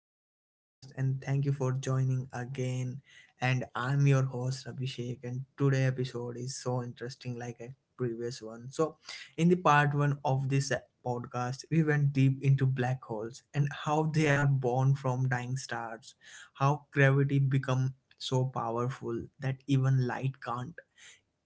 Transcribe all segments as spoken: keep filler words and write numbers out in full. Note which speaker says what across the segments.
Speaker 1: to our podcast, and thank you for joining again. And I'm your host Abhishek, and today episode is so interesting, like a previous one. So, in the part one of this podcast, we went deep into black holes and how they are born from dying stars, how gravity become so powerful that even light can't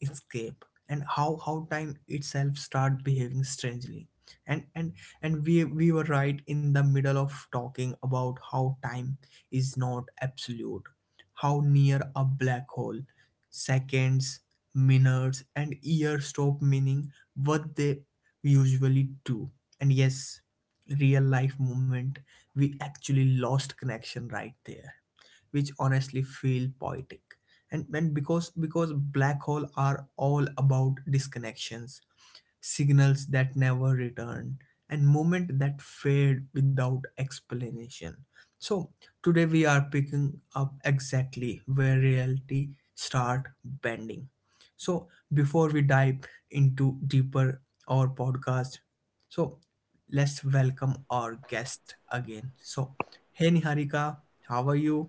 Speaker 1: escape and how how time itself start behaving strangely and and and we we were right in the middle of talking about how time is not absolute, how near a black hole, seconds, minutes and years stop meaning what they usually do. And yes, real life moment, we actually lost connection right there, which honestly feel poetic. And, and because because black hole are all about disconnections, signals that never return, and moment that fade without explanation. So today we are picking up exactly where reality start bending. So before we dive into deeper our podcast, so let's welcome our guest again. So hey Niharika, how are you?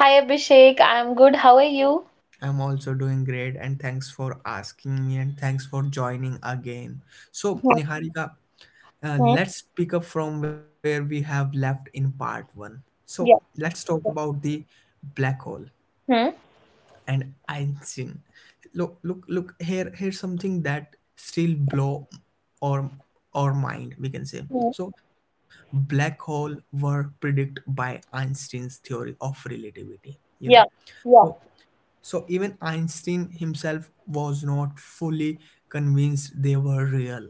Speaker 2: Hi Abhishek, I'm good. How are you?
Speaker 1: I'm also doing great, and thanks for asking me, and thanks for joining again. So, Niharika, uh,
Speaker 2: Hmm.
Speaker 1: let's pick up from where we have left in part one. So,
Speaker 2: Yeah.
Speaker 1: let's talk about the black hole
Speaker 2: Hmm?
Speaker 1: and Einstein. Look, look, look. Here, here's something that still blow or or mind we can say.
Speaker 2: Hmm.
Speaker 1: So black hole were predicted by Einstein's theory of relativity, you know.
Speaker 2: Yeah.
Speaker 1: So
Speaker 2: Yeah.
Speaker 1: so even Einstein himself was not fully convinced they were real.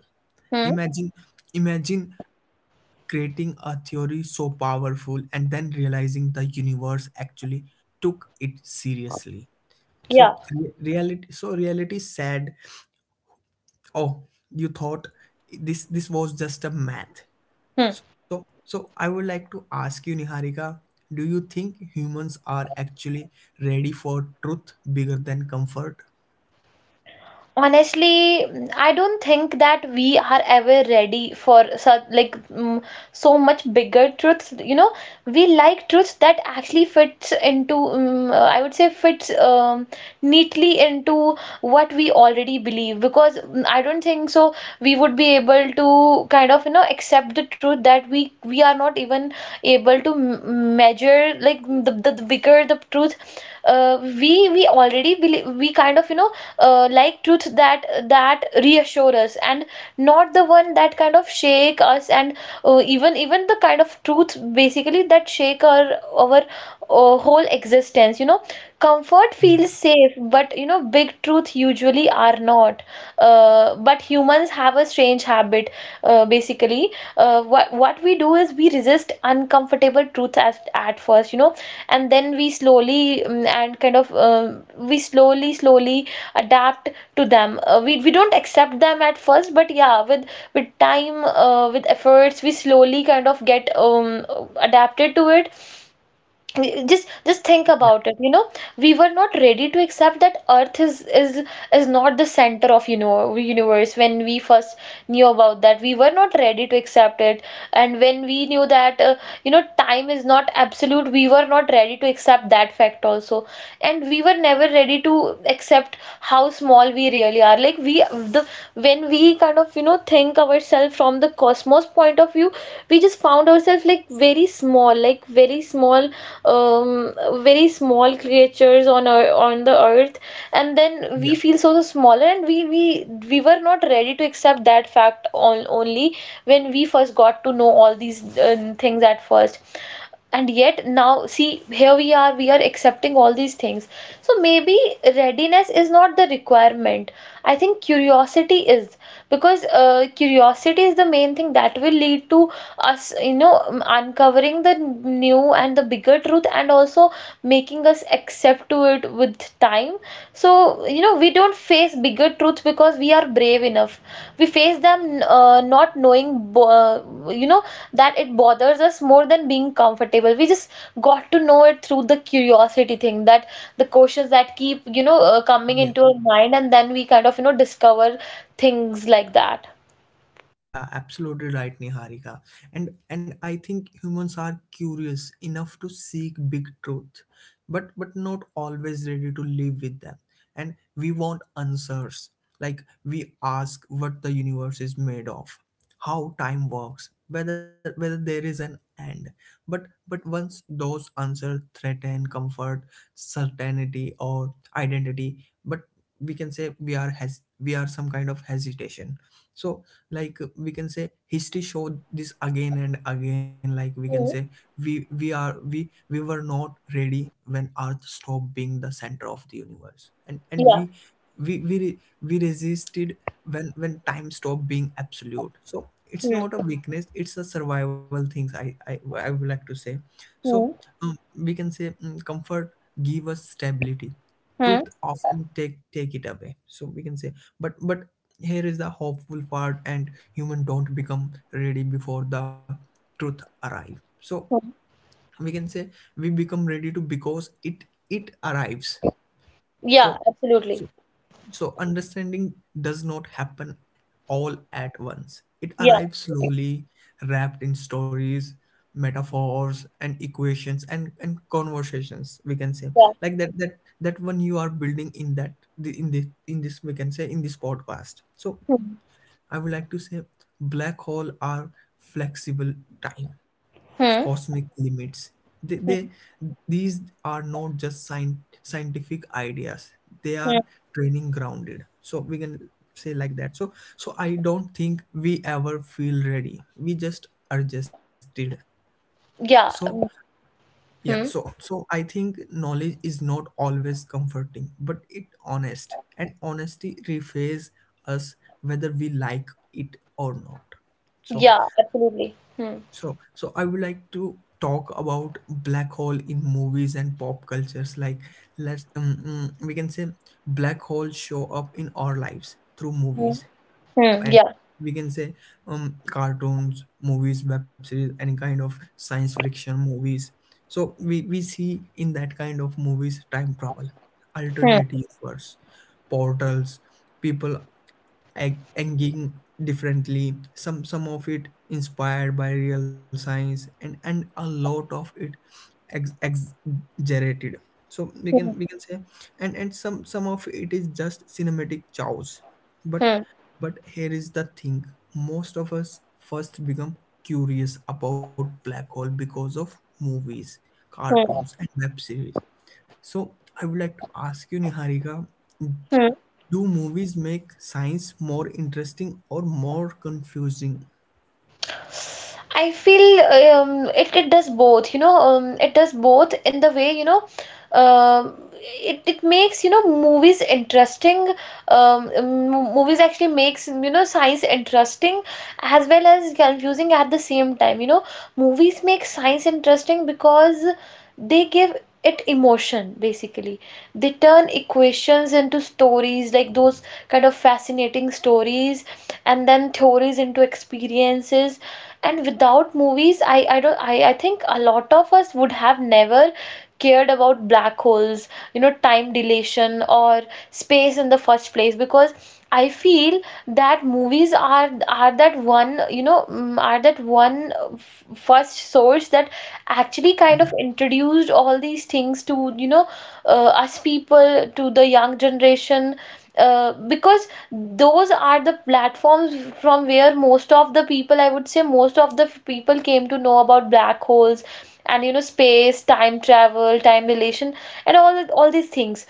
Speaker 2: Hmm?
Speaker 1: Imagine imagine creating a theory so powerful and then realizing the universe actually took it seriously.
Speaker 2: Yeah.
Speaker 1: So re- reality so reality said, "Oh, you thought this this was just a math."
Speaker 2: Hmm.
Speaker 1: So so I would like to ask you, Niharika, do you think humans are actually ready for truth bigger than comfort?
Speaker 2: Honestly, mm, I don't think that we are ever ready for such like mm, so much bigger truths. You know, we like truths that actually fits into mm, uh, I would say fits um, neatly into what we already believe because mm, I don't think so we would be able to kind of you know accept the truth that we we are not even able to m- measure, like the, the, the bigger the truth, uh, we we already believe. We kind of you know uh, Like truth that that reassure us and not the one that kind of shake us, and uh, even even the kind of truth basically that shake our our uh, whole existence, you know. Comfort feels safe, but you know big truth usually are not. Uh, but humans have a strange habit uh, basically uh, what what we do is we resist uncomfortable truths at, at first, you know, and then we slowly mm, and kind of um, we slowly slowly adapt to them. Uh, we, we don't accept them at first, but yeah, with with time, uh, with efforts, we slowly kind of get um, adapted to it. Just just think
Speaker 1: 呀
Speaker 2: about it, you know. We were not ready to accept that earth is is is not the center of, you know, universe. When we first knew about that, we were not ready to accept it. And when we knew that, uh, you know, time is not absolute, we were not ready to accept that fact also. And we were never ready to accept how small we really are like we um, the when we kind of, you know, think ourselves from the cosmos point of view, we just found ourselves like very small, like very small, um very small creatures on our on the earth. And then we
Speaker 1: 呀
Speaker 2: feel so, so smaller, and we we we were not ready to accept that fact on, only when we first got to know all these uh, things at first. And yet now see, here we are, we are accepting all these things. So maybe readiness is not the requirement. I think curiosity is, because uh, curiosity is the main thing that will lead to us, you know, um, uncovering the new and the bigger truth, and also making us accept to it with time. So, you know, we don't face bigger truths because we are brave enough. We face them, uh, not knowing, bo- uh, you know, that it bothers us more than being comfortable. We just got to know it through the curiosity thing, that the questions that keep, you know, uh, coming
Speaker 1: 呀！
Speaker 2: into our mind, and then we kind of, you know, discover things like that.
Speaker 1: Yeah, absolutely right, Niharika. And and I think humans are curious enough to seek big truth, but but not always ready to live with them. And we want answers. Like we ask what the universe is made of, how time works, whether whether there is an end. But but once those answers threaten comfort, certainty or identity, but we can say we are has we are some kind of hesitation. So, like uh, we can say history showed this again and again, like we can say
Speaker 2: Hmm.
Speaker 1: we we are we we were not ready when earth stopped being the center of the universe, and and
Speaker 2: Yeah.
Speaker 1: we we we re- we resisted when when time stopped being absolute. So it's
Speaker 2: Hmm.
Speaker 1: not a weakness, it's a survival things, i i, I would like to say. So
Speaker 2: Hmm.
Speaker 1: um, we can say mm, comfort give us stability,
Speaker 2: Hmm.
Speaker 1: truth often take take it away, so we can say. But but here is the hopeful part, and human don't become ready before the truth arrive. So
Speaker 2: Hmm.
Speaker 1: we can say we become ready to because it it arrives. so
Speaker 2: Yeah, absolutely.
Speaker 1: so so understanding does not happen all at once, it
Speaker 2: Yeah.
Speaker 1: arrives slowly, wrapped in stories, metaphors and equations and and conversations we can say, like that that that one you are building in that the- in this in this we can say, in this podcast. So
Speaker 2: Hmm.
Speaker 1: I would like to say black hole are flexible time,
Speaker 2: Hmm.
Speaker 1: cosmic limits. They, they these are not just scien- scientific ideas. They
Speaker 2: Hmm.
Speaker 1: are training grounded. So we can say like that. So so I don't think we ever feel ready. We just adjusted. So
Speaker 2: Yeah.
Speaker 1: yeah, so
Speaker 2: Hmm.
Speaker 1: so I think knowledge is not always comforting, but it honest, and honesty refaces us whether we like it or not.
Speaker 2: Yeah,
Speaker 1: So
Speaker 2: absolutely. Hmm.
Speaker 1: so so I would like to talk about black hole in movies and pop cultures. Like let's um, mm, we can say black holes show up in our lives through movies,
Speaker 2: Hmm.
Speaker 1: and
Speaker 2: Yeah.
Speaker 1: we can say um, cartoons, movies, web series, any kind of science fiction movies. So we, we see in that kind of movies time travel,
Speaker 2: Hmm.
Speaker 1: alternate universe, portals, people ag- engaging differently, some some of it inspired by real science, and and a lot of it ex- exaggerated, so we
Speaker 2: Hmm.
Speaker 1: can we can say and and some some of it is just cinematic chows. but
Speaker 2: Hmm.
Speaker 1: but here is the thing, most of us first become curious about black hole because of movies,
Speaker 2: Hmm.
Speaker 1: cartoons and web series. So I would like to ask you, Niharika,
Speaker 2: Hmm.
Speaker 1: do movies make science more interesting or more confusing?
Speaker 2: I feel um, it, it does both, you know. Um, it does both in the way, you know, um, it, it makes, you know, movies interesting. Um, m- Movies actually makes, you know, science interesting as well as confusing at the same time. You know, movies make science interesting because they give it emotion basically. They turn equations into stories, like those kind of fascinating stories, and then theories into experiences. And without movies, I I don't I I think a lot of us would have never cared about black holes, you know, time dilation, or space in the first place, because I feel that movies are are that one, you know, mm, are that one, uh, f- first source that actually
Speaker 1: Yeah,
Speaker 2: kind of introduced all these things to, you know, uh, us people, to the young generation, uh, because those are the platforms from where most of the people, I would say most of the people, came to know about black holes, and you know, space, time travel, time relation, and all all these things.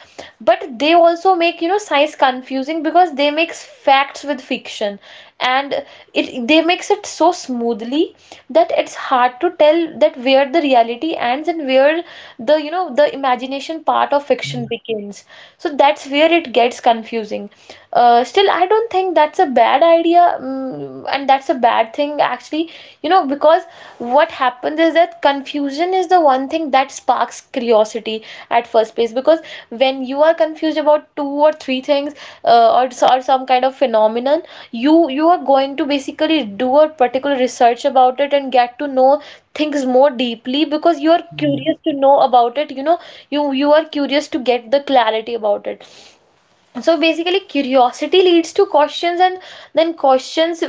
Speaker 2: But they also make, you know, science confusing because they mix facts with fiction, and it, they makes it so smoothly that it's hard to tell that where the reality ends and where the, you know, the imagination part of
Speaker 1: yeah,
Speaker 2: fiction begins. So that's where it gets confusing. Uh, still, I don't think that's a bad idea, mm, and that's a bad thing actually. You know, because what happens is that confusion is the one thing that sparks sparks curiosity at first place, because when you are confused about two or three things, uh, or, so- or some kind of phenomenon, you you are going to basically do a particular research about it and get to know things more deeply because you are
Speaker 1: yeah,
Speaker 2: curious to know about it, you know. You you are curious to get the clarity about it. So basically curiosity leads to questions, and then questions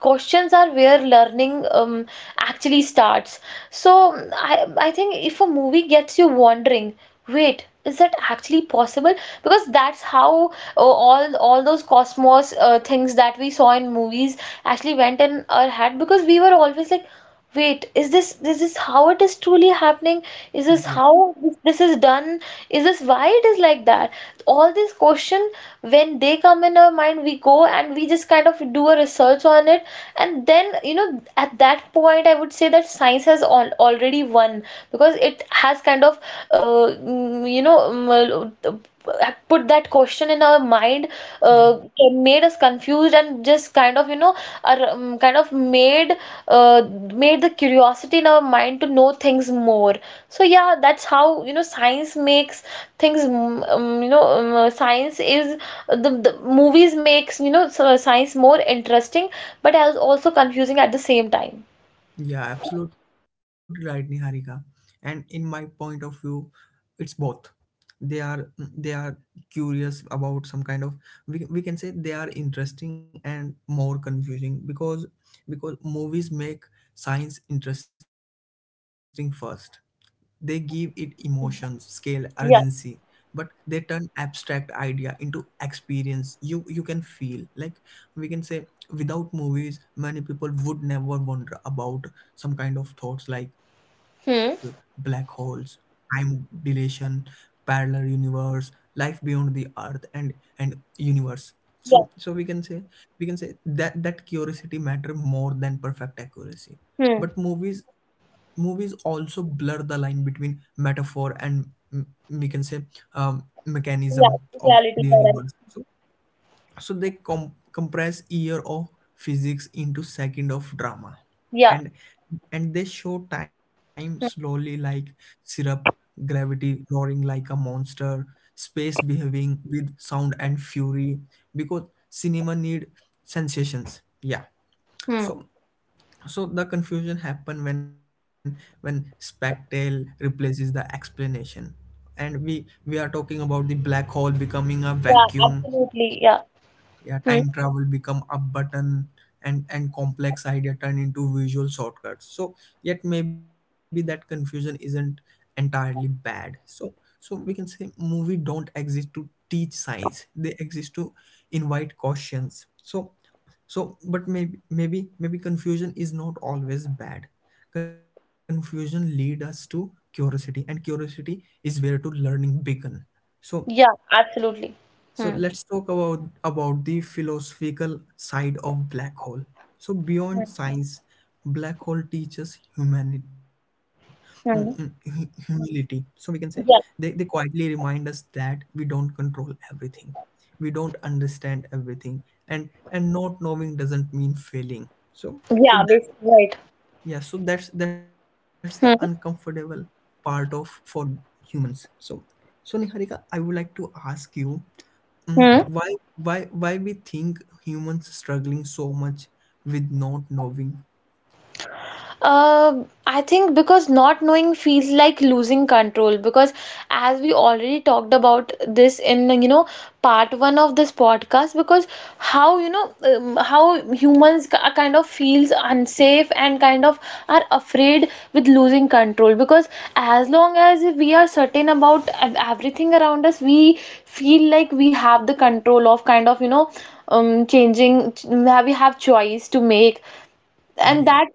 Speaker 2: questions are where learning um, actually starts. So i i think if a movie gets you wondering, wait, is that actually possible? Because that's how uh, all all those cosmos uh, things that we saw in movies actually went in our head, because we were always like, wait, is this this is this how it is truly happening? Is this
Speaker 1: yeah,
Speaker 2: how this, this is done? Is this why it is like that? All these question, when they come in our mind, we go and we just kind of do a research on it. And then, you know, at that point, I would say that science has all, already won, because it has kind of uh, mm, you know mm, uh, put that question in our mind,
Speaker 1: yeah,
Speaker 2: uh, made us confused, and just kind of, you know, are um, kind of made, uh, made the curiosity in our mind to know things more. So yeah, that's how, you know, science makes things, mm, um, you know um, uh, science is uh, the, the movies makes, you know, so science more interesting but as also confusing at the same time.
Speaker 1: yeah, absolutely right, Niharika. And in my point of view, it's both. They are they are curious about some kind of, we, we can say they are interesting and more confusing because because movies make science interesting first. They give it emotions, scale, urgency, but
Speaker 2: Yeah.
Speaker 1: they turn abstract idea into experience you you can feel. Like we can say without movies, many people would never wonder about some kind of thoughts like uh, black holes,
Speaker 2: Hmm.
Speaker 1: time dilation, parallel universe, life beyond the earth and and universe. So so we can say
Speaker 2: Yeah.
Speaker 1: we can say that that curiosity matter more than perfect accuracy, but
Speaker 2: Hmm.
Speaker 1: movies movies also blur the line between metaphor and mm, we can say um, mechanism
Speaker 2: Yeah.
Speaker 1: of the
Speaker 2: Reality. Yeah,
Speaker 1: universe.
Speaker 2: right.
Speaker 1: So so they com- compress year of physics into second of drama, and
Speaker 2: Yeah.
Speaker 1: and they show time slowly
Speaker 2: Hmm.
Speaker 1: like syrup, gravity roaring like a monster, space behaving with sound and fury, because cinema need sensations, yeah.
Speaker 2: Hmm.
Speaker 1: So so the confusion happen when when spectacle replaces the explanation, and we we are talking about the black hole becoming a
Speaker 2: Yeah,
Speaker 1: vacuum,
Speaker 2: absolutely. Yeah.
Speaker 1: yeah,
Speaker 2: Hmm.
Speaker 1: time travel become a button, and and complex idea turn into visual shortcuts. So yet maybe that confusion isn't entirely bad. So so we can say movie don't exist to teach science, they exist to invite questions. So so but maybe maybe maybe confusion is not always bad, confusion lead us to curiosity, and curiosity is where to learning begin. So
Speaker 2: Yeah, absolutely.
Speaker 1: so
Speaker 2: Hmm.
Speaker 1: let's talk about about the philosophical side of black hole. So
Speaker 2: Hmm.
Speaker 1: beyond science, black hole teaches humanity,
Speaker 2: Hmm.
Speaker 1: humility. So we can say they,
Speaker 2: Yeah.
Speaker 1: they quietly remind us that we don't control everything, we don't understand everything, and and not knowing doesn't mean failing. So so
Speaker 2: Yeah,
Speaker 1: that
Speaker 2: basically right.
Speaker 1: yeah, so that's that's the
Speaker 2: Hmm.
Speaker 1: uncomfortable part of for humans. So so Niharika, I would like to ask you, Mm,
Speaker 2: Hmm.
Speaker 1: why why why we think humans struggling so much with not knowing?
Speaker 2: Uh, I think because not knowing feels like losing control, because as we already talked about this in, you know, part one of this podcast, because how, you know, um, how humans ki- kind of feels unsafe and kind of are afraid with losing control, because as long as we are certain about ev- everything around us, we feel like we have the control of, kind of, you know, um changing ch- we have choice to make. And
Speaker 1: yeah
Speaker 2: that,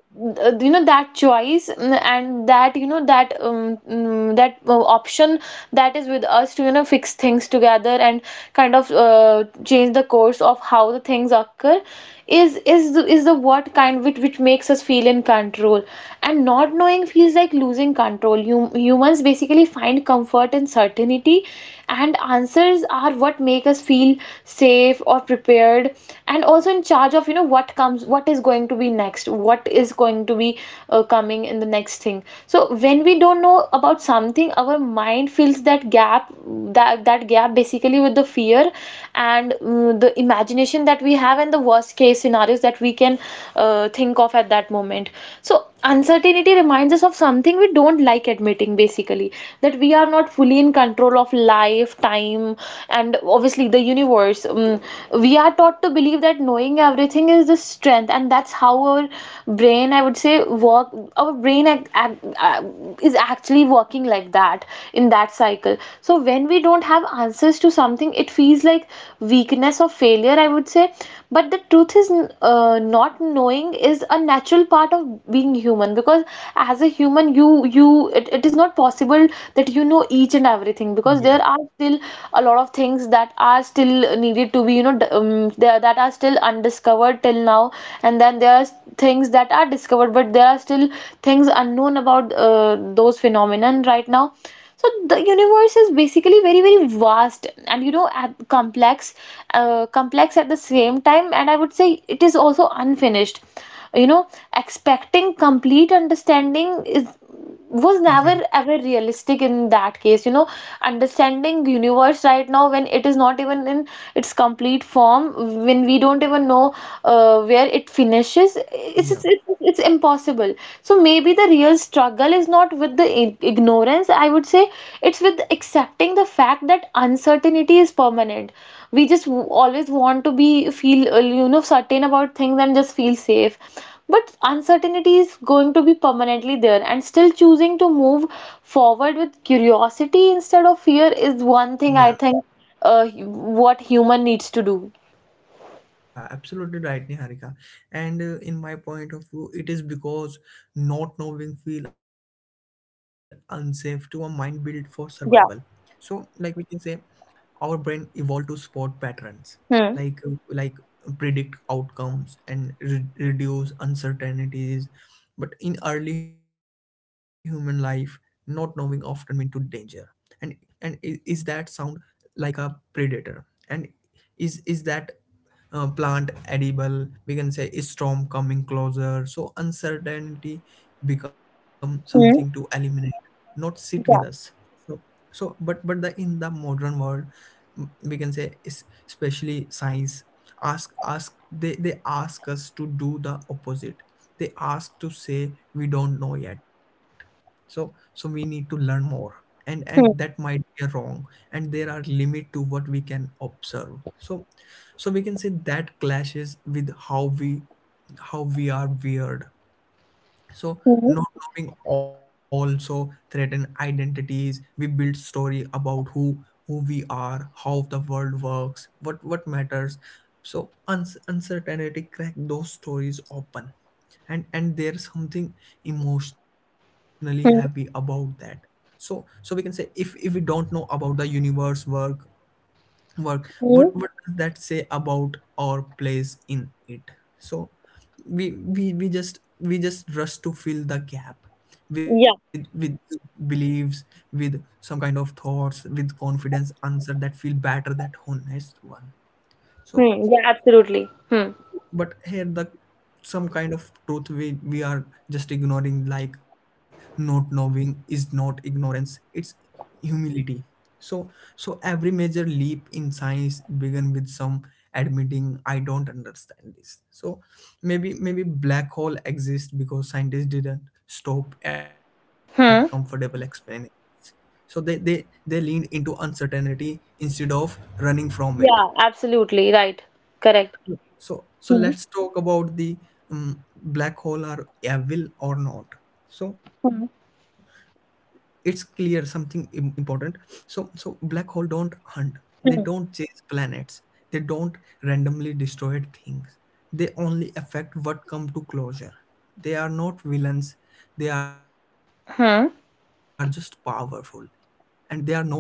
Speaker 2: uh, you know, that choice mm, and that, you know, that um, mm, that, uh, option that is with us to, you know, fix things together and kind of, uh, change the course of how the things occur, is is the, is the what kind, which which makes us feel in control. And not knowing feels like losing control. You humans basically find comfort in certainty, and answers are what make us feel safe or prepared, and also in charge of, you know, what comes comes, what is going to be next, what is going to be, uh, coming in the next thing. So when we don't know about something, our mind fills that gap, that that gap basically with the fear, and mm, the imagination that we have, and the worst case scenarios that we can, uh, think of at that moment. So uncertainty reminds us of something we don't like admitting basically, that we are not fully in control of life, time, and obviously the universe. Mm, we are taught to believe that knowing everything is the strength, and that's how our brain, I would say, work. Our brain ac- ac- uh, is actually working like that, in that cycle. So when we don't have answers to something, it feels like weakness or failure, I would say. But the truth is, uh, not knowing is a natural part of being human, because as a human, you you, it, it is not possible that you know each and everything, because
Speaker 1: yeah
Speaker 2: there are still a lot of things that are still needed to be, you know, d- um, there that are still undiscovered till now. And then there are things that are discovered, but there are still things unknown about uh, those phenomenon right now. So the universe is basically very very vast, and you know, at- complex, uh, complex at the same time, and I would say it is also unfinished, you know. Expecting complete understanding is was never
Speaker 1: yeah
Speaker 2: ever realistic in that case, you know. Understanding universe right now when it is not even in its complete form, when we don't even know, uh, where it finishes, it's,
Speaker 1: yeah
Speaker 2: it's it's it's impossible. So maybe the real struggle is not with the ig- ignorance, I would say. It's with accepting the fact that uncertainty is permanent. We just w- always want to be feel uh, you know certain about things and just feel safe, but uncertainty is going to be permanently there, and still choosing to move forward with curiosity instead of fear is one thing I
Speaker 1: yeah
Speaker 2: think uh, hu- what human needs to do.
Speaker 1: yeah absolutely right, Niharika. And uh, in my point of view, it is because not knowing feel unsafe to a mind built for survival. So
Speaker 2: Yeah.
Speaker 1: like we can say our brain evolved to spot patterns,
Speaker 2: Hmm.
Speaker 1: like like predict outcomes and re- reduce uncertainties. But in early human life, not knowing often meant to danger. and and is, is that sound like a predator, and is is that uh, plant edible, we can say, is storm coming closer? So uncertainty become something to
Speaker 2: Hmm.
Speaker 1: eliminate, not sit with us.
Speaker 2: Yeah.
Speaker 1: So so but but the in the modern world, mm, we can say is- especially science ask ask they they ask us to do the opposite. They ask to say we don't know yet, so so we need to learn more, and and that might be wrong, and there are limit to what we can observe. So so we can say that clashes with how we how we are weird. So
Speaker 2: Hmm.
Speaker 1: not knowing also threaten identities. We build story about who who we are, how the world works, what what matters. So uns- uncertainty crack those stories open, and and there's something emotionally happy about
Speaker 2: Hmm.
Speaker 1: that. So so we can say if if we don't know about the universe work work,
Speaker 2: Hmm.
Speaker 1: what what does that say about our place in it? So we we, we just we just rush to fill the gap with
Speaker 2: Yeah.
Speaker 1: with beliefs, with some kind of thoughts, with confidence answer that feel better that honest one. So
Speaker 2: Hmm. Yeah, absolutely. Hmm.
Speaker 1: but here the some kind of truth we we are just ignoring, like not knowing is not ignorance, it's humility. So so every major leap in science began with some admitting I don't understand this. So maybe maybe black hole exists because scientists didn't stop at comfortable
Speaker 2: Hmm.
Speaker 1: explanations. So they they they leaned into uncertainty instead of running from it.
Speaker 2: Yeah, absolutely. Right. Correct.
Speaker 1: So so
Speaker 2: Hmm.
Speaker 1: let's talk about the um, black hole are evil or not. So
Speaker 2: Hmm.
Speaker 1: it's clear something im- important. So so black hole don't hunt, they
Speaker 2: Hmm.
Speaker 1: don't chase planets, they don't randomly destroy things, they only affect what come to closure. They are not villains, they are just powerful.
Speaker 2: Hmm.
Speaker 1: And they are not want to destroy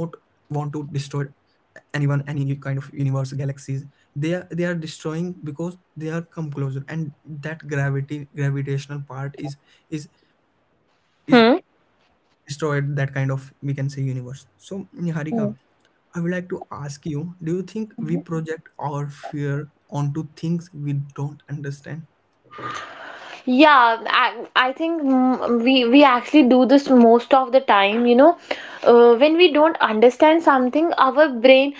Speaker 1: anyone, any u- kind of universe galaxies. They are, they are destroying because they are come closer, and that gravity gravitational part is is is destroyed that kind of we can say universe. So Niharika,
Speaker 2: Hmm.
Speaker 1: I would like to ask you, do you think we project our fear onto things we don't understand?
Speaker 2: Yeah, I, I think mm, we we actually do this most of the time, you know. Uh, when we don't understand something, our brain,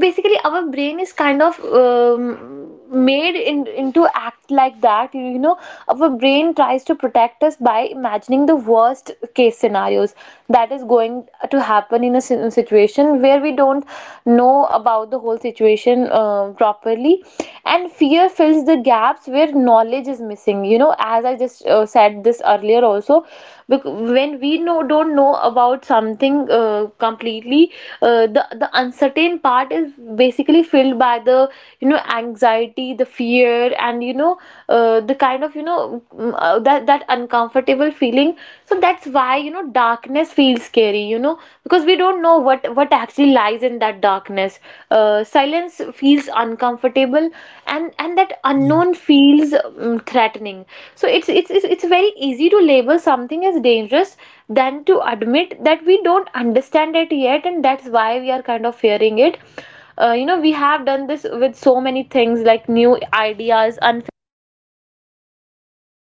Speaker 2: basically our brain is kind of um, made in, into act like that, you know. Our brain tries to protect us by imagining the worst case scenarios that is going to happen in a si- situation where we don't know about the whole situation uh, properly, and fear fills the gap gaps where knowledge is missing, you know, as I just uh, said this earlier also. When we know don't know about something uh, completely, uh, the the uncertain part is basically filled by the, you know, anxiety, the fear, and, you know, uh, the kind of, you know, mm, uh, that that uncomfortable feeling. So that's why, you know, darkness feels scary, you know, because we don't know what what actually lies in that darkness. Uh, silence feels uncomfortable, and and that
Speaker 1: Yeah,
Speaker 2: unknown feels um, threatening. So it's, it's it's it's very easy to label something as dangerous than to admit that we don't understand it yet, and that's why we are kind of fearing it. Uh, you know, we have done this with so many things, like new ideas, unfamiliar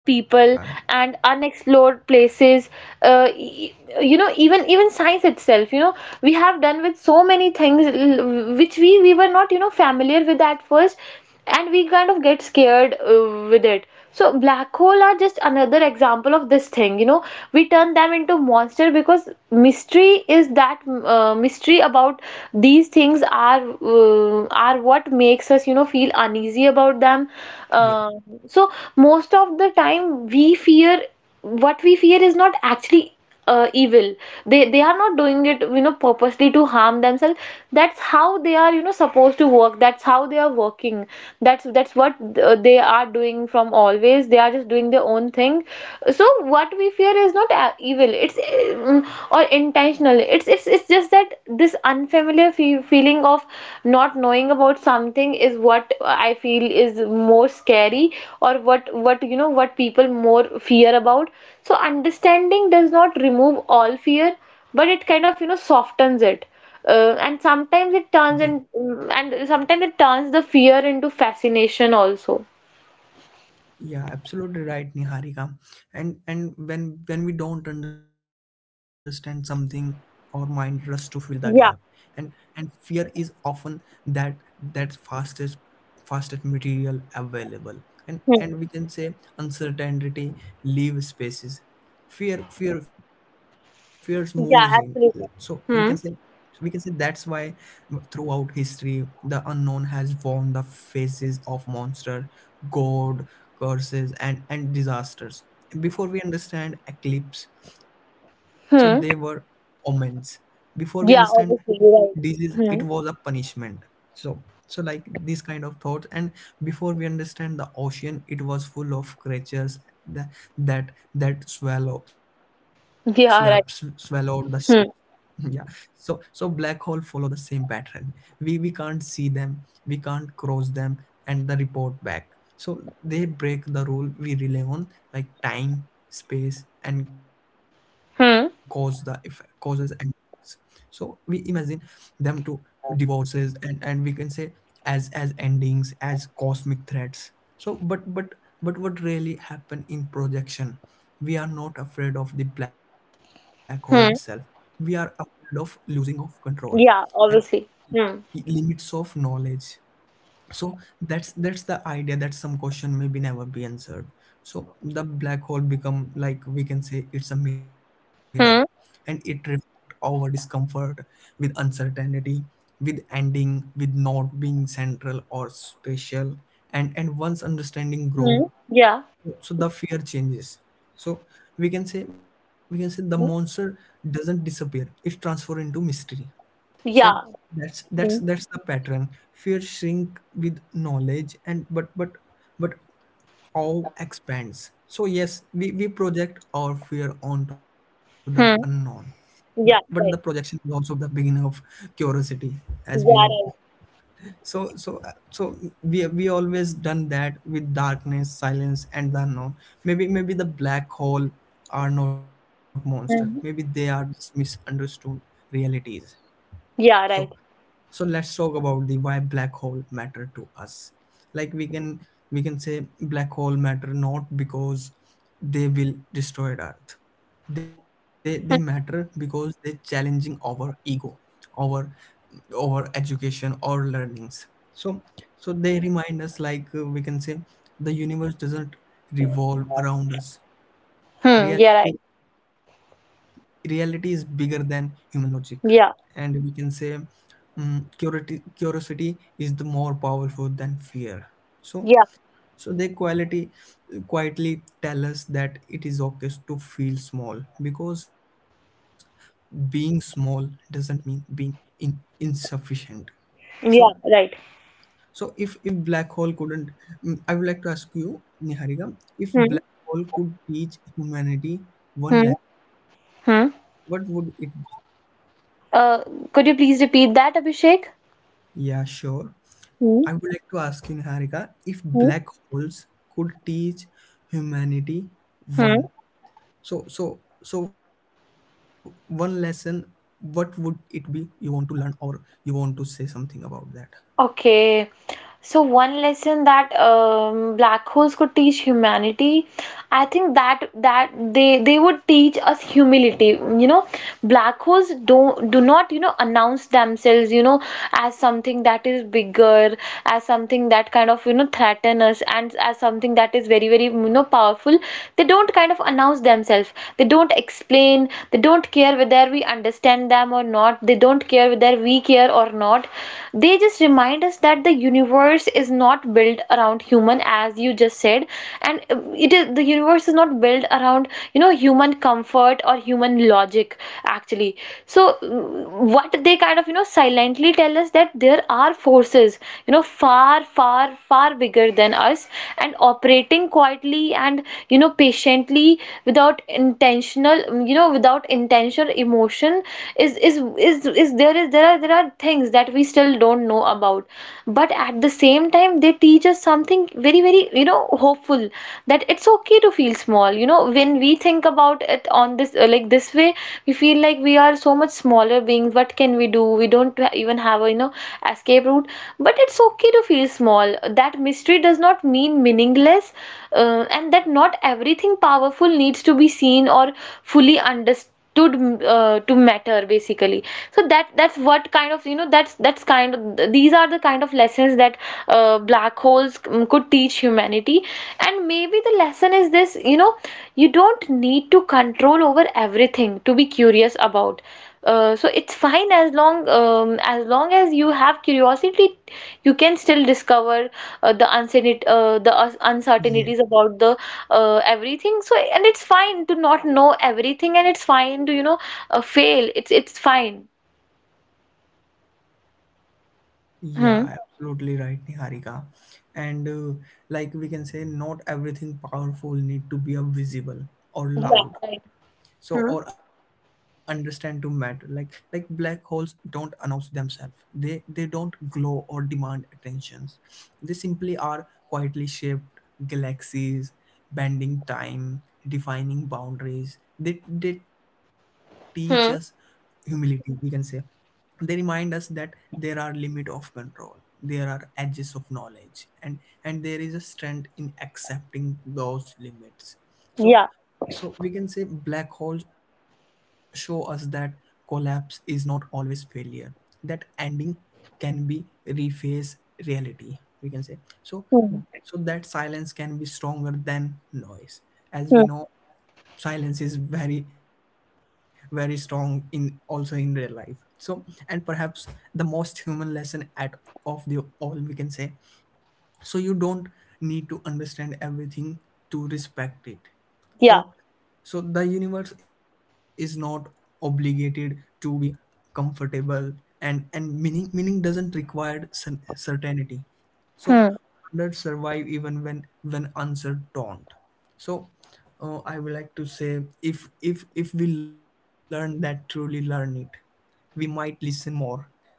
Speaker 2: people,
Speaker 1: yeah,
Speaker 2: and unexplored places. uh, e- you know, even even science itself, you know, we have done with so many things l- which we we were not, you know, familiar with at first, and we kind of get scared uh, with it. So black hole are just another example of this thing, you know. We turn them into monster because mystery is that uh, mystery about these things are, uh, are what makes us, you know, feel uneasy about them.
Speaker 1: yeah,
Speaker 2: uh, so most of the time we fear, what we fear is not actually uh, evil. They they are not doing it, you know, purposely to harm themselves. That's how they are, you know, supposed to work. That's how they are working. That's that's what uh, they are doing from always. They are just doing their own thing. So what we fear is not a- evil. It's mm, or intentional. It's it's it's just that this unfamiliar fe feeling of not knowing about something is what I feel is more scary, or what what, you know, what people more fear about. So understanding does not remove all fear, but it kind of, you know, softens it, uh, and sometimes it turns,
Speaker 1: yeah.
Speaker 2: and and sometimes it turns the fear into fascination also.
Speaker 1: Yeah, absolutely right, Niharika. And and when when we don't understand something, our mind rushes to fill the gap. And
Speaker 2: Yeah.
Speaker 1: and fear is often that that fastest fastest material available. And
Speaker 2: Hmm.
Speaker 1: and we can say uncertainty leave spaces. Fear fear fears moves in. So
Speaker 2: Yeah,
Speaker 1: we can say
Speaker 2: absolutely. Hmm.
Speaker 1: we can say that's why uh, throughout history the unknown has worn the faces of monster, god, curses and and disasters. Before we understand eclipse, so so they were
Speaker 2: Hmm.
Speaker 1: omens. Before we
Speaker 2: Yeah,
Speaker 1: understand
Speaker 2: obviously, you're right.
Speaker 1: disease, it
Speaker 2: Hmm.
Speaker 1: was a punishment. So so like these kind of thoughts. And before we understand the ocean, it was full of creatures that that, that swallow, swallow swallowed the
Speaker 2: Yeah, right.
Speaker 1: ship.
Speaker 2: Hmm.
Speaker 1: Yeah. So so black hole follow the same pattern. We we can't see them, we can't cross them and the report back. So they break the rule we rely on, like time, space and cause the effect, causes
Speaker 2: Hmm.
Speaker 1: and effects. So we imagine them to divorces, and and we can say as as endings, as cosmic threats. So but but but what really happen in projection, we are not afraid of the black hole itself, we are
Speaker 2: Hmm.
Speaker 1: afraid of losing of control and
Speaker 2: Yeah, obviously. Hmm.
Speaker 1: limits of knowledge. So that's that's the idea that some question may be never be answered. So the black hole become, like we can say, it's a mirror, and it
Speaker 2: Hmm.
Speaker 1: reflects our discomfort with uncertainty, with ending, with not being central or special. And and once understanding grow,
Speaker 2: Hmm. Yeah.
Speaker 1: so the fear changes. So we can say we can say the monster
Speaker 2: Hmm.
Speaker 1: doesn't disappear, it transforms into mystery. So
Speaker 2: Yeah.
Speaker 1: that's that's
Speaker 2: Hmm.
Speaker 1: that's the pattern. Fear shrink with knowledge, and but but but awe expands. So yes, we, we project our fear onto the unknown,
Speaker 2: Hmm.
Speaker 1: but, but the
Speaker 2: Yeah,
Speaker 1: projection
Speaker 2: right.
Speaker 1: is also the beginning of curiosity. As we
Speaker 2: Yeah,
Speaker 1: know,
Speaker 2: right.
Speaker 1: so so so we we always done that with darkness, silence and the unknown. Maybe maybe the black hole are not monster, maybe they are
Speaker 2: Hmm.
Speaker 1: just misunderstood realities. So
Speaker 2: Yeah, right.
Speaker 1: so let's talk about the why black hole matter to us. Like we can we can say black hole matter not because they will destroy earth. They they matter
Speaker 2: Hmm.
Speaker 1: because they're challenging our ego, our our education, our learnings. So so they remind us like, uh, we can say, the universe doesn't revolve around us.
Speaker 2: Hmm. Yeah,
Speaker 1: reality
Speaker 2: right.
Speaker 1: reality is bigger than human logic.
Speaker 2: Yeah.
Speaker 1: And we can say, mm, curiosity, curiosity is the more powerful than fear. So
Speaker 2: Yeah.
Speaker 1: so they quality, uh, quietly tell us that it is okay to feel small, because being small doesn't mean being in insufficient. So
Speaker 2: Yeah, right.
Speaker 1: so if if black hole couldn't, mm, I would like to ask you Niharika, if
Speaker 2: Hmm.
Speaker 1: black hole could teach humanity one
Speaker 2: Hmm.
Speaker 1: lesson, what would
Speaker 2: Hmm.
Speaker 1: it be?
Speaker 2: Uh, could you please repeat that, Abhishek?
Speaker 1: Yeah, sure.
Speaker 2: Hmm.
Speaker 1: I would like to ask you, Niharika, if
Speaker 2: Hmm.
Speaker 1: black holes could teach humanity
Speaker 2: Hmm.
Speaker 1: one, so so so one lesson, what would it be? You want to learn or you want to say something about that?
Speaker 2: Okay, so one lesson that, um, black holes could teach humanity, I think that that they they would teach us humility. You know, black holes don't do not, you know, announce themselves, you know, as something that is bigger, as something that kind of, you know, threaten us, and as something that is very very, you know, powerful. They don't kind of announce themselves. They don't explain. They don't care whether we understand them or not. They don't care whether we care or not. They just remind us that the universe is not built around human, as you just said, and uh, it is the universe is not built around, you know, human comfort or human logic actually. So mm, what they kind of, you know, silently tell us that there are forces, you know, far far far bigger than us, and operating quietly and, you know, patiently, without intentional, you know, without intentional emotion. Is is is is there is there are there are things things that we still don't know about, but at the same time they teach us something very very, you know, hopeful, that it's okay to feel small, you know. When we think about it on this uh, like this way, we feel like we are so much smaller beings. What can we do? We don't ha- even have, a you know, escape route. But it's okay to feel small, that mystery does not mean meaningless, uh, and that not everything powerful needs to be seen or fully understood to, uh, to matter basically. So that that's what kind of, you know, that's that's kind of, these are the kind of lessons that uh, black holes mm, could teach humanity. And maybe the lesson is this, you know, you don't need to control over everything to be curious about. Uh, so it's fine as long, um, as long as you have curiosity, you can still discover uh, the uncertain uh, the us-
Speaker 1: Yeah,
Speaker 2: uncertainties about the uh, everything. So, and it's fine to not know everything, and it's fine to, you know, uh, fail. It's it's fine. Hmm.
Speaker 1: yeah, absolutely right, Niharika. And uh, like we can say, not everything powerful need to be a visible or
Speaker 2: Yeah.
Speaker 1: loud.
Speaker 2: Right.
Speaker 1: So
Speaker 2: Hmm.
Speaker 1: or understand to matter, like like black holes don't announce themselves, they they don't glow or demand attentions. They simply are quietly shaped galaxies, bending time, defining boundaries. They they teach us
Speaker 2: Hmm.
Speaker 1: humility, we can say. They remind us that there are limit of control, there are edges of knowledge, and and there is a strength in accepting those limits. So
Speaker 2: Yeah.
Speaker 1: so we can say black holes show us that collapse is not always failure, that ending can be reface reality, we can say. So
Speaker 2: Hmm.
Speaker 1: so that silence can be stronger than noise. As
Speaker 2: Hmm.
Speaker 1: we know, silence is very very strong in also in their life. So and perhaps the most human lesson at of the all, we can say. So you don't need to understand everything to respect it.
Speaker 2: Yeah.
Speaker 1: So so the universe is not obligated to be comfortable, and and meaning meaning doesn't require cer- certainty. So
Speaker 2: Hmm.
Speaker 1: wonders survive even when when answers don't. So uh, I would like to say, if if if we learn that, truly learn it, we might listen more,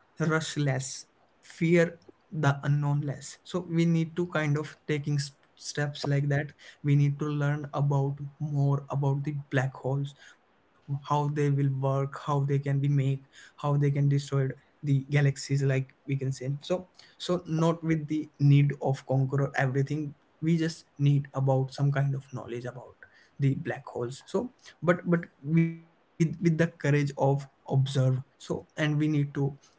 Speaker 1: rush less, fear the unknown less. So we need to kind of taking s- steps like that. We need to learn about more about the black holes, how they will work, how they can be made, how they can destroy the galaxies, like we can say. So so not with the need of conqueror everything, we just need about some kind of knowledge about the black holes. So but but with with the courage of observe. So and we need to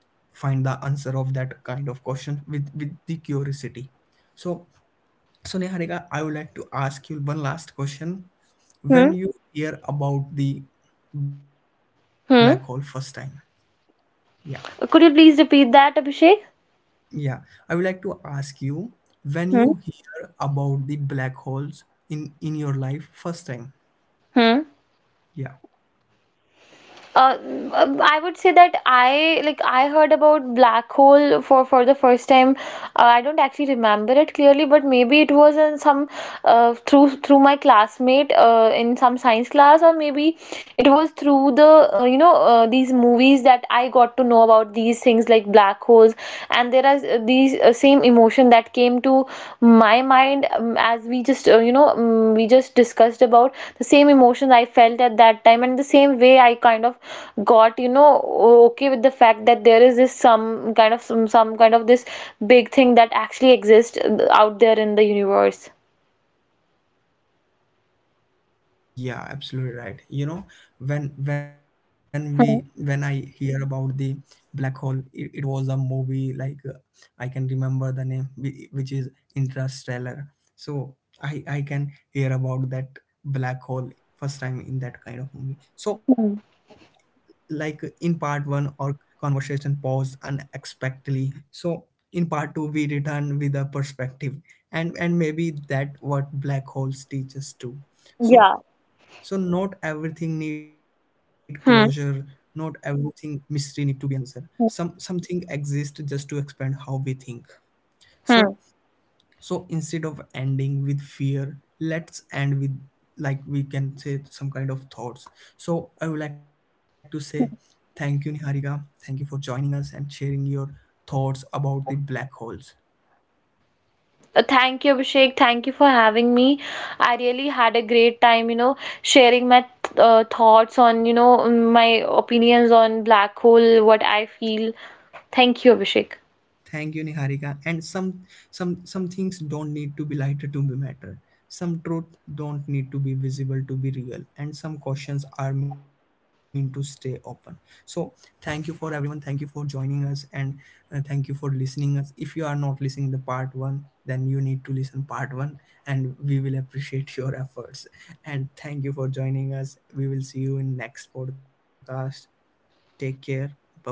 Speaker 1: find the answer of that kind of question with with the curiosity. So so Niharika, I would like to ask you one last question. When
Speaker 2: Hmm.
Speaker 1: you hear about the black hole first time?
Speaker 2: Hmm.
Speaker 1: Yeah,
Speaker 2: Could you please repeat that, Abhishek?
Speaker 1: yeah, I would like to ask you, when you
Speaker 2: Hmm.
Speaker 1: hear about the black holes in in your life first time?
Speaker 2: Hmm.
Speaker 1: Yeah.
Speaker 2: Uh, um, I would say that I like I heard about black hole for for the first time. Uh, I don't actually remember it clearly, but maybe it was in some uh, through through my classmate uh, in some science class, or maybe it was through the uh, you know uh, these movies that I got to know about these things like black holes. And there are, uh, these uh, same emotion that came to my mind, um, as we just uh, you know um, we just discussed about, the same emotions I felt at that time, and the same way I kind of got, you know, okay with the fact that there is this some kind of some, some kind of this big thing that actually exists uh, out there in the universe.
Speaker 1: Yeah, absolutely right. You know, when when we when I
Speaker 2: Hmm.
Speaker 1: hear about the black hole, it, it was a movie like, uh, I can remember the name whi- which is Interstellar. So I I can hear about that black hole first time in that kind of movie. So
Speaker 2: Hmm.
Speaker 1: like in part one, our conversation paused unexpectedly. So in part two, we return with a perspective, and and maybe that what black holes teach us too. So
Speaker 2: Yeah.
Speaker 1: so not everything need closure, not
Speaker 2: Hmm.
Speaker 1: everything mystery need to be answered. Some something exists just to expand how we think.
Speaker 2: Hmm.
Speaker 1: So so instead of ending with fear, let's end with, like we can say, some kind of thoughts. So I would like to say thank you Niharika. Thank you for joining us and sharing your thoughts about the black holes.
Speaker 2: Uh, Thank you, Abhishek. Thank you for having me. I really had a great time, you know, sharing my th- uh, thoughts on, you know, my opinions on black hole, what I feel. Thank you, Abhishek.
Speaker 1: Thank you, Niharika. And some some some things don't need to be lighter to be matter. Some truth don't need to be visible to be real, and some questions are meant to stay open. So, thank you for everyone. Thank you for joining us, and uh, thank you for listening us. If you are not listening the part one, then you need to listen part one, and we will appreciate your efforts. And thank you for joining us. We will see you in next podcast. Take care. Bye bye.